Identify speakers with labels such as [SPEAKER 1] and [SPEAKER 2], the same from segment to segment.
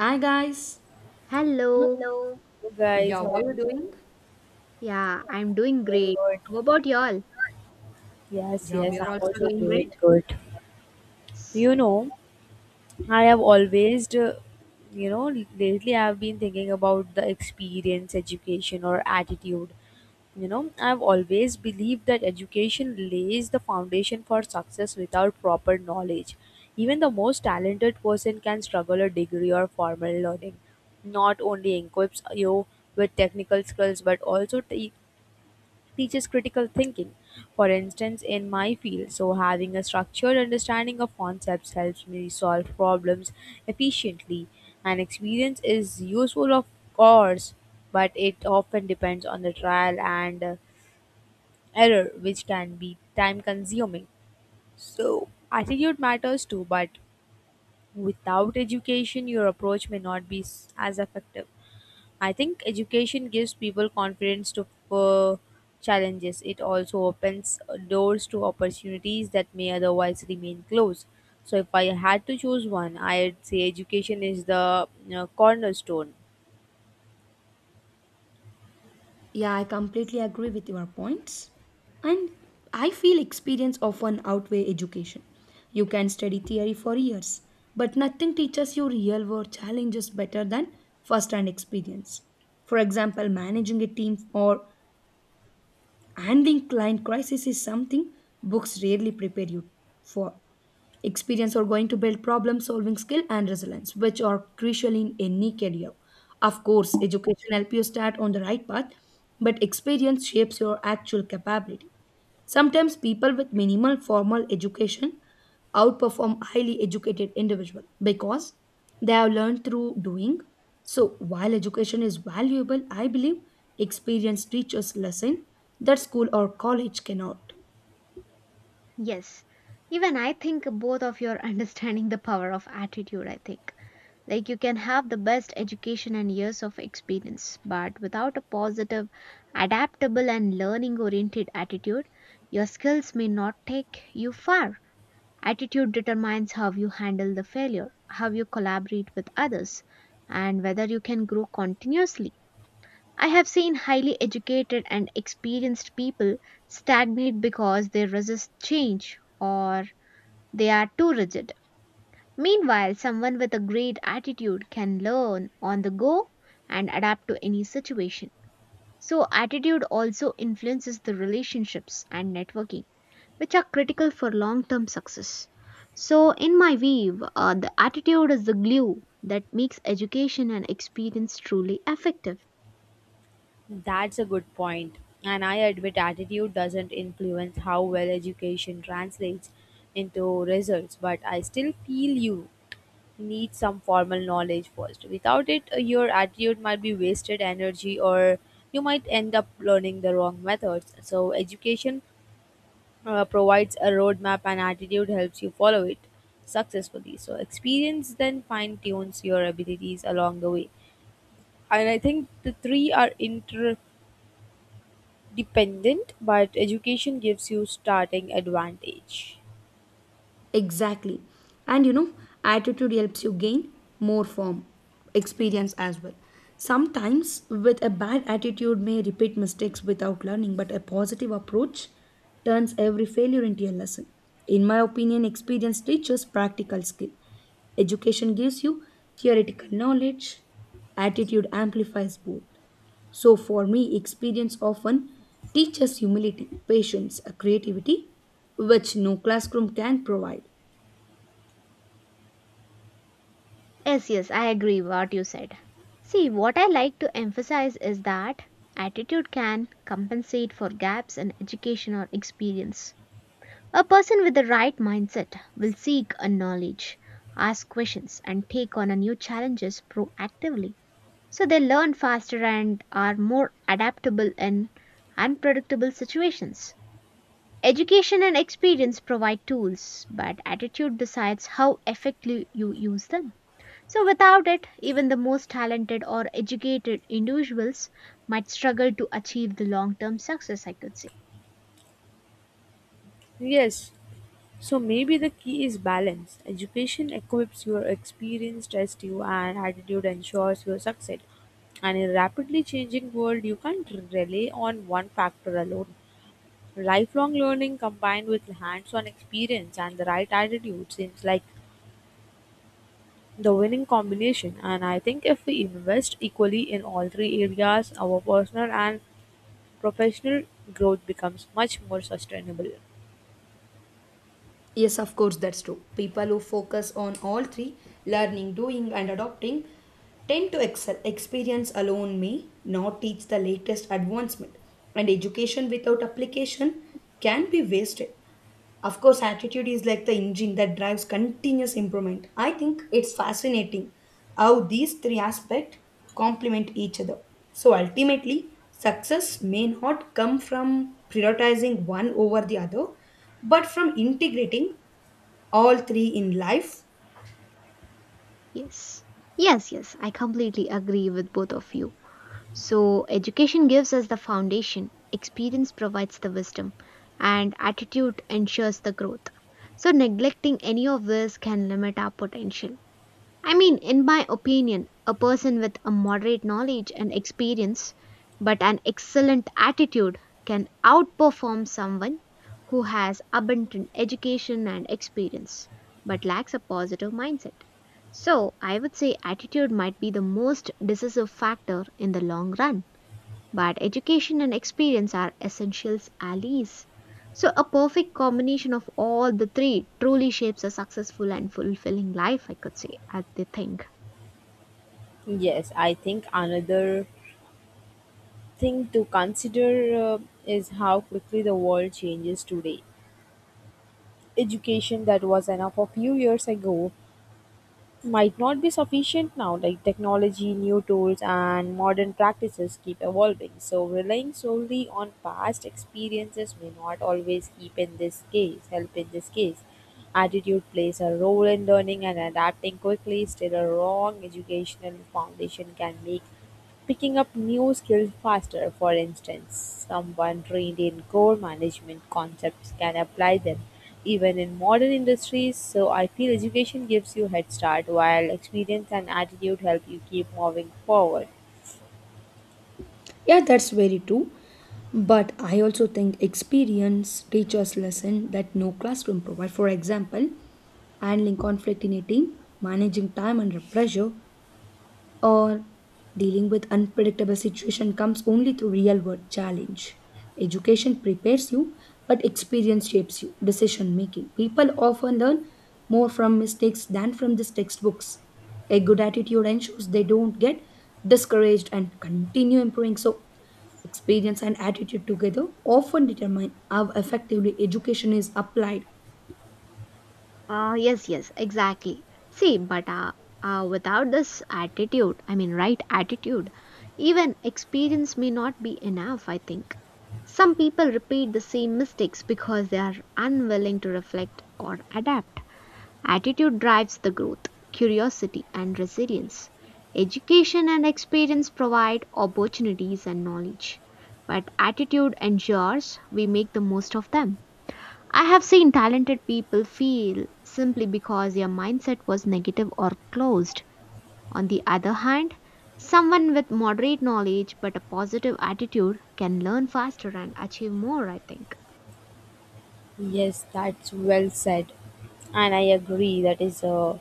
[SPEAKER 1] Hi guys.
[SPEAKER 2] Hello.
[SPEAKER 3] Hello
[SPEAKER 1] Yeah,
[SPEAKER 3] guys, how are
[SPEAKER 1] what are you doing?
[SPEAKER 2] Yeah, I'm doing
[SPEAKER 3] you doing?
[SPEAKER 2] great.
[SPEAKER 3] Good.
[SPEAKER 2] How about y'all?
[SPEAKER 3] Yes,
[SPEAKER 1] Yeah, we
[SPEAKER 3] yes, I'm
[SPEAKER 1] are also
[SPEAKER 3] also
[SPEAKER 1] doing
[SPEAKER 3] doing
[SPEAKER 1] great.
[SPEAKER 3] good.
[SPEAKER 2] S-
[SPEAKER 3] You know, I have always, you know, lately I've been thinking about the experience, education, or attitude. You know, I've always believed that education lays the foundation for success without proper knowledge. Even the most talented person can struggle a degree or formal learning. Not only equips you with technical skills, but also teaches critical thinking, for instance, in my field. So, having a structured understanding of concepts helps me solve problems efficiently. And experience is useful, of course, but it often depends on the trial and error, which can be time consuming. So, attitude matters too, but without education, your approach may not be as effective. I think education gives people confidence to for challenges. It also opens doors to opportunities that may otherwise remain closed. So, if I had to choose one, I'd say education is the you cornerstone.
[SPEAKER 1] Yeah, I completely agree with your points. And I feel experience often outweigh education. You can study theory for years, but nothing teaches you real world challenges better than first hand experience. For example, managing a team or And the client crisis is something books rarely prepare you for. Experience are going to build problem solving skill and resilience, which are crucial in any career. Of course, education helps you start on the right path, but experience shapes your actual capability. Sometimes people with minimal formal education outperform highly educated individuals because they have learned through doing. So while education is valuable, I believe experienced teachers lesson that school or college cannot.
[SPEAKER 2] Yes, even I think both of you are understanding the power of attitude. I think like you can have the best education and years of experience, but without a positive, adaptable, and learning oriented attitude, your skills may not take you far. Attitude determines how you handle the failure, how you collaborate with others, and whether you can grow continuously. I have seen highly educated and experienced people stagnate because they resist change or they are too rigid. Meanwhile, someone with a great attitude can learn on the go and adapt to any situation. So, attitude also influences the relationships and networking, which are critical for long term success. So, in my view, the attitude is the glue that makes education and experience truly effective.
[SPEAKER 3] That's a good point. And I admit attitude doesn't influence how well education translates into results, but I still feel you need some formal knowledge first. Without it, your attitude might be wasted energy or you might end up learning the wrong methods. So, education provides a roadmap and attitude helps you follow it successfully. So, experience then fine tunes your abilities along the way. And I think the three are interdependent, but education gives you starting advantage.
[SPEAKER 1] Exactly. And you know, attitude helps you gain more form experience as well. Sometimes, with a bad attitude, may repeat mistakes without learning, but a positive approach turns every failure into a lesson. In my opinion, experience teaches practical skill. Education gives you theoretical knowledge, attitude amplifies both. So, for me, experience often teaches humility, patience, creativity, which no classroom can provide.
[SPEAKER 2] Yes, yes, I agree what you said. See, what I like to emphasize is that attitude can compensate for gaps in education or experience. A person with the right mindset will seek a knowledge, ask questions, and take on a new challenges proactively. So they learn faster and are more adaptable in unpredictable situations. Education and experience provide tools, but attitude decides how effectively you use them. So, without it, even the most talented or educated individuals might struggle to achieve the long term success, I could say.
[SPEAKER 3] Yes, so maybe the key is balance. Education equips your experience, tests you, and attitude ensures your success. And in a rapidly changing world, you can't rely on one factor alone. Lifelong learning combined with hands on experience and the right attitude seems like the winning combination. And I think if we invest equally in all three areas, our personal and professional growth becomes much more sustainable.
[SPEAKER 1] Yes, of course, that's true. People who focus on all three learning, doing, and adopting tend to excel. Experience alone may not teach the latest advancement, and education without application can be wasted. Of course, attitude is like the engine that drives continuous improvement. I think it's fascinating how these three aspects complement each other. So ultimately, success may not come from prioritizing one over the other, but from integrating all three in life.
[SPEAKER 2] Yes. Yes, yes, I completely agree with both of you. So, education gives us the foundation, experience provides the wisdom, and attitude ensures the growth. So, neglecting any of this can limit our potential. I mean, in my opinion, a person with a moderate knowledge and experience, but an excellent attitude, can outperform someone who has abundant education and experience, but lacks a positive mindset. So, I would say attitude might be the most decisive factor in the long run, but education and experience are essential allies. So, a perfect combination of all the three truly shapes a successful and fulfilling life, I could say, at the thing.
[SPEAKER 3] Yes, I think another thing to consider uh, is how quickly the world changes today. Education that was enough a few years ago might not be sufficient now, like technology, new tools, and modern practices keep evolving. So, relying solely on past experiences may not always keep in this case, help in this case. Attitude plays a role in learning and adapting quickly. Still, a wrong educational foundation can make picking up new skills faster. For instance, someone trained in core management concepts can apply them even in modern industries. So I feel education gives you head start while experience and attitude help you keep moving forward.
[SPEAKER 1] Yeah, that's very true. But I also think experience teaches lesson that no classroom provide. For example, handling conflict in a team, managing time under pressure, or dealing with unpredictable situation comes only through real world challenge. Education prepares you, but experience shapes you decision making. People often learn more from mistakes than from these textbooks. A good attitude ensures they don't get discouraged and continue improving. So experience and attitude together often determine how effectively education is applied.
[SPEAKER 2] Ah, yes, yes, exactly. See, but without this attitude, I mean, right attitude, even experience may not be enough, I think. Some people repeat the same mistakes because they are unwilling to reflect or adapt. Attitude drives the growth, curiosity, and resilience. Education and experience provide opportunities and knowledge, but attitude ensures we make the most of them. I have seen talented people fail simply because their mindset was negative or closed. On the other hand, someone with moderate knowledge but a positive attitude can learn faster and achieve more, I think.
[SPEAKER 3] Yes, that's well said. And I agree that is a,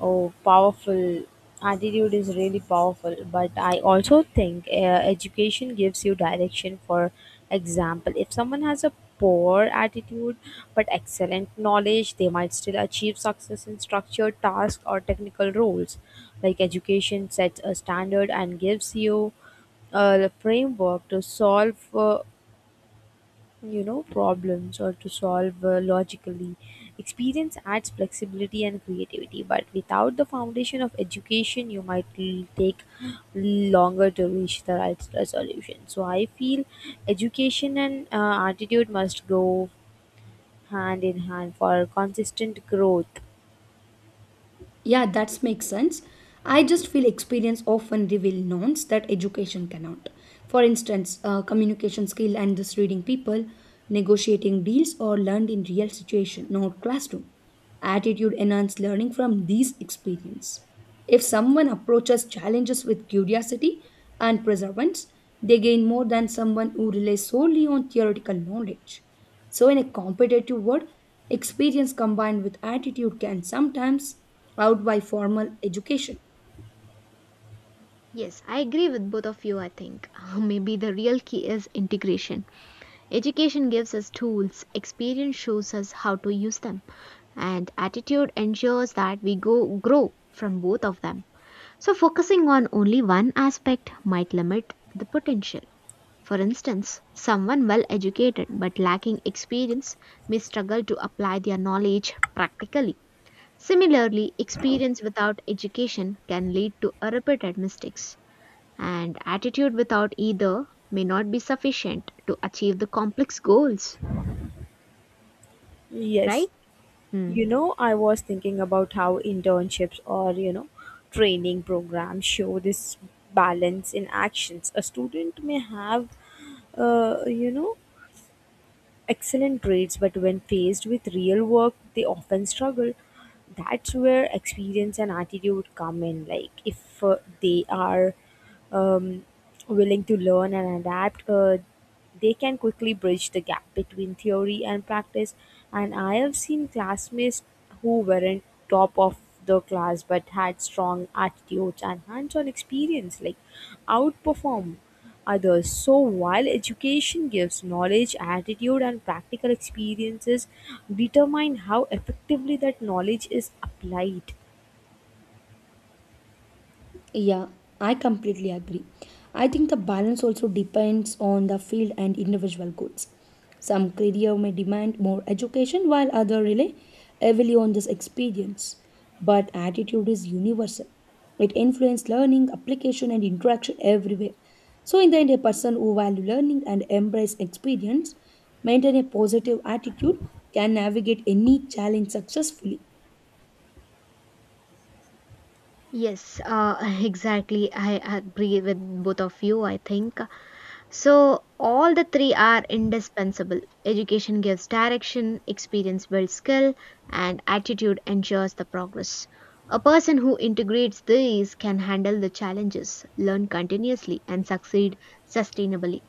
[SPEAKER 3] oh, powerful. Attitude is really powerful, but I also think education gives you direction. For example, if someone has a poor attitude but excellent knowledge, they might still achieve success in structured tasks or technical roles. Like education sets a standard and gives you a framework to solve, you know, problems, or to solve, logically. Experience adds flexibility and creativity, but without the foundation of education you might take longer to reach the right resolution. So I feel education and attitude must go hand in hand for consistent growth.
[SPEAKER 1] Yeah, that makes sense. I just feel experience often reveal knowns that education cannot. For instance, communication skill and this reading people, negotiating deals or learned in real situation, not classroom. Attitude enhanced learning from these experience. If someone approaches challenges with curiosity and perseverance, they gain more than someone who relies solely on theoretical knowledge. So, in a competitive world, experience combined with attitude can sometimes outweigh formal education.
[SPEAKER 2] Yes, I agree with both of you, I think. Maybe the real key is integration. Education gives us tools, experience shows us how to use them, and attitude ensures that we go grow from both of them. So focusing on only one aspect might limit the potential. For instance, someone well educated but lacking experience may struggle to apply their knowledge practically. Similarly, experience without education can lead to repeated mistakes, and attitude without either may not be sufficient to achieve the complex goals, right?
[SPEAKER 3] Yes.
[SPEAKER 2] Hmm.
[SPEAKER 3] You know, I was thinking about how internships or, you know, training programs show this balance in actions. A student may have, you know, excellent grades, but when faced with real work, they often struggle. That's where experience and attitude come in. Like, if they are um, willing to learn and adapt, they can quickly bridge the gap between theory and practice. And I have seen classmates who weren't top of the class but had strong attitudes and hands on experience, like outperform others. So, while education gives knowledge, attitude, and practical experiences determine how effectively that knowledge is applied.
[SPEAKER 1] Yeah, I completely agree. I think the balance also depends on the field and individual goals. Some career may demand more education while other rely heavily on this experience. But attitude is universal. It influences learning, application and interaction everywhere. So in the end, a person who value learning and embrace experience, maintain a positive attitude, can navigate any challenge successfully.
[SPEAKER 2] Yes, exactly. I agree with both of you, I think. So, all the three are indispensable. Education gives direction, experience builds skill, and attitude ensures the progress. A person who integrates these can handle the challenges, learn continuously, and succeed sustainably.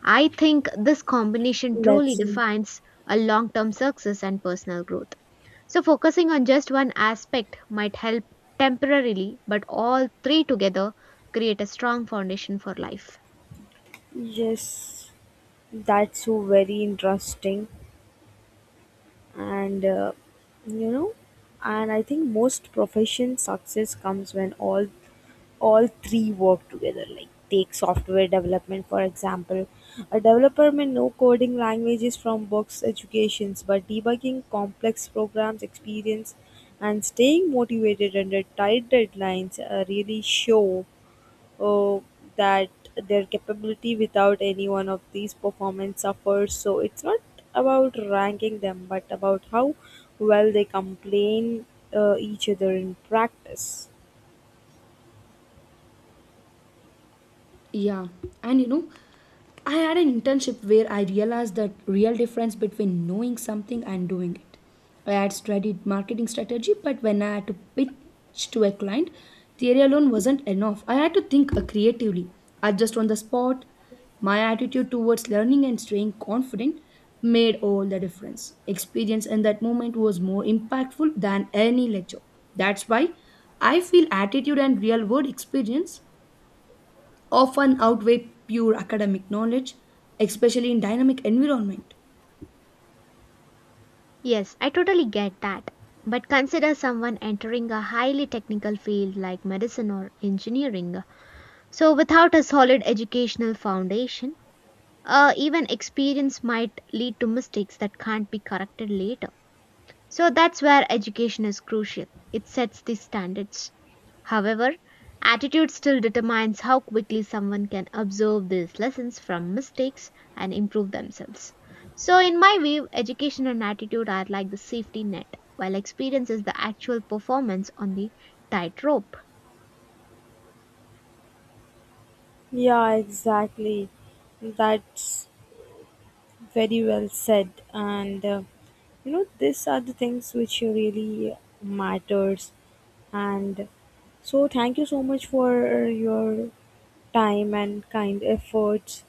[SPEAKER 2] I think this combination truly
[SPEAKER 3] That's
[SPEAKER 2] defines a long term success and personal growth. So, focusing on just one aspect might help temporarily, but all three together create a strong foundation for life.
[SPEAKER 3] yes, that's so very interesting, and you know, and I think most profession success comes when all three work together. Like take software development for example, a developer may know coding languages from books, educations, but debugging complex programs, experience, and staying motivated under tight deadlines really show uh, that their capability. Without any one of these, performance suffers. So it's not about ranking them, but about how well they complain each other in practice.
[SPEAKER 1] Yeah, and you know, I had an internship where I realized the real difference between knowing something and doing it. I had studied marketing strategy, but when I had to pitch to a client, theory alone wasn't enough. I had to think creatively, adjust on the spot. My attitude towards learning and staying confident made all the difference. Experience in that moment was more impactful than any lecture. That's why I feel attitude and real world experience often outweigh pure academic knowledge, especially in dynamic environment.
[SPEAKER 2] Yes, I totally get that. But consider someone entering a highly technical field like medicine or engineering. So, without a solid educational foundation, even experience might lead to mistakes that can't be corrected later. So that's where education is crucial. It sets the standards. However, attitude still determines how quickly someone can absorb these lessons from mistakes and improve themselves. So, in my view, education and attitude are like the safety net, while experience is the actual performance on the tightrope.
[SPEAKER 3] Yeah, exactly. That's very well said. And you know, these are the things which really matters. And so, thank you so much for your time and kind efforts.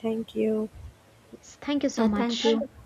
[SPEAKER 3] Thank you.
[SPEAKER 2] Yes, thank you so
[SPEAKER 1] Thank
[SPEAKER 2] much.
[SPEAKER 1] you.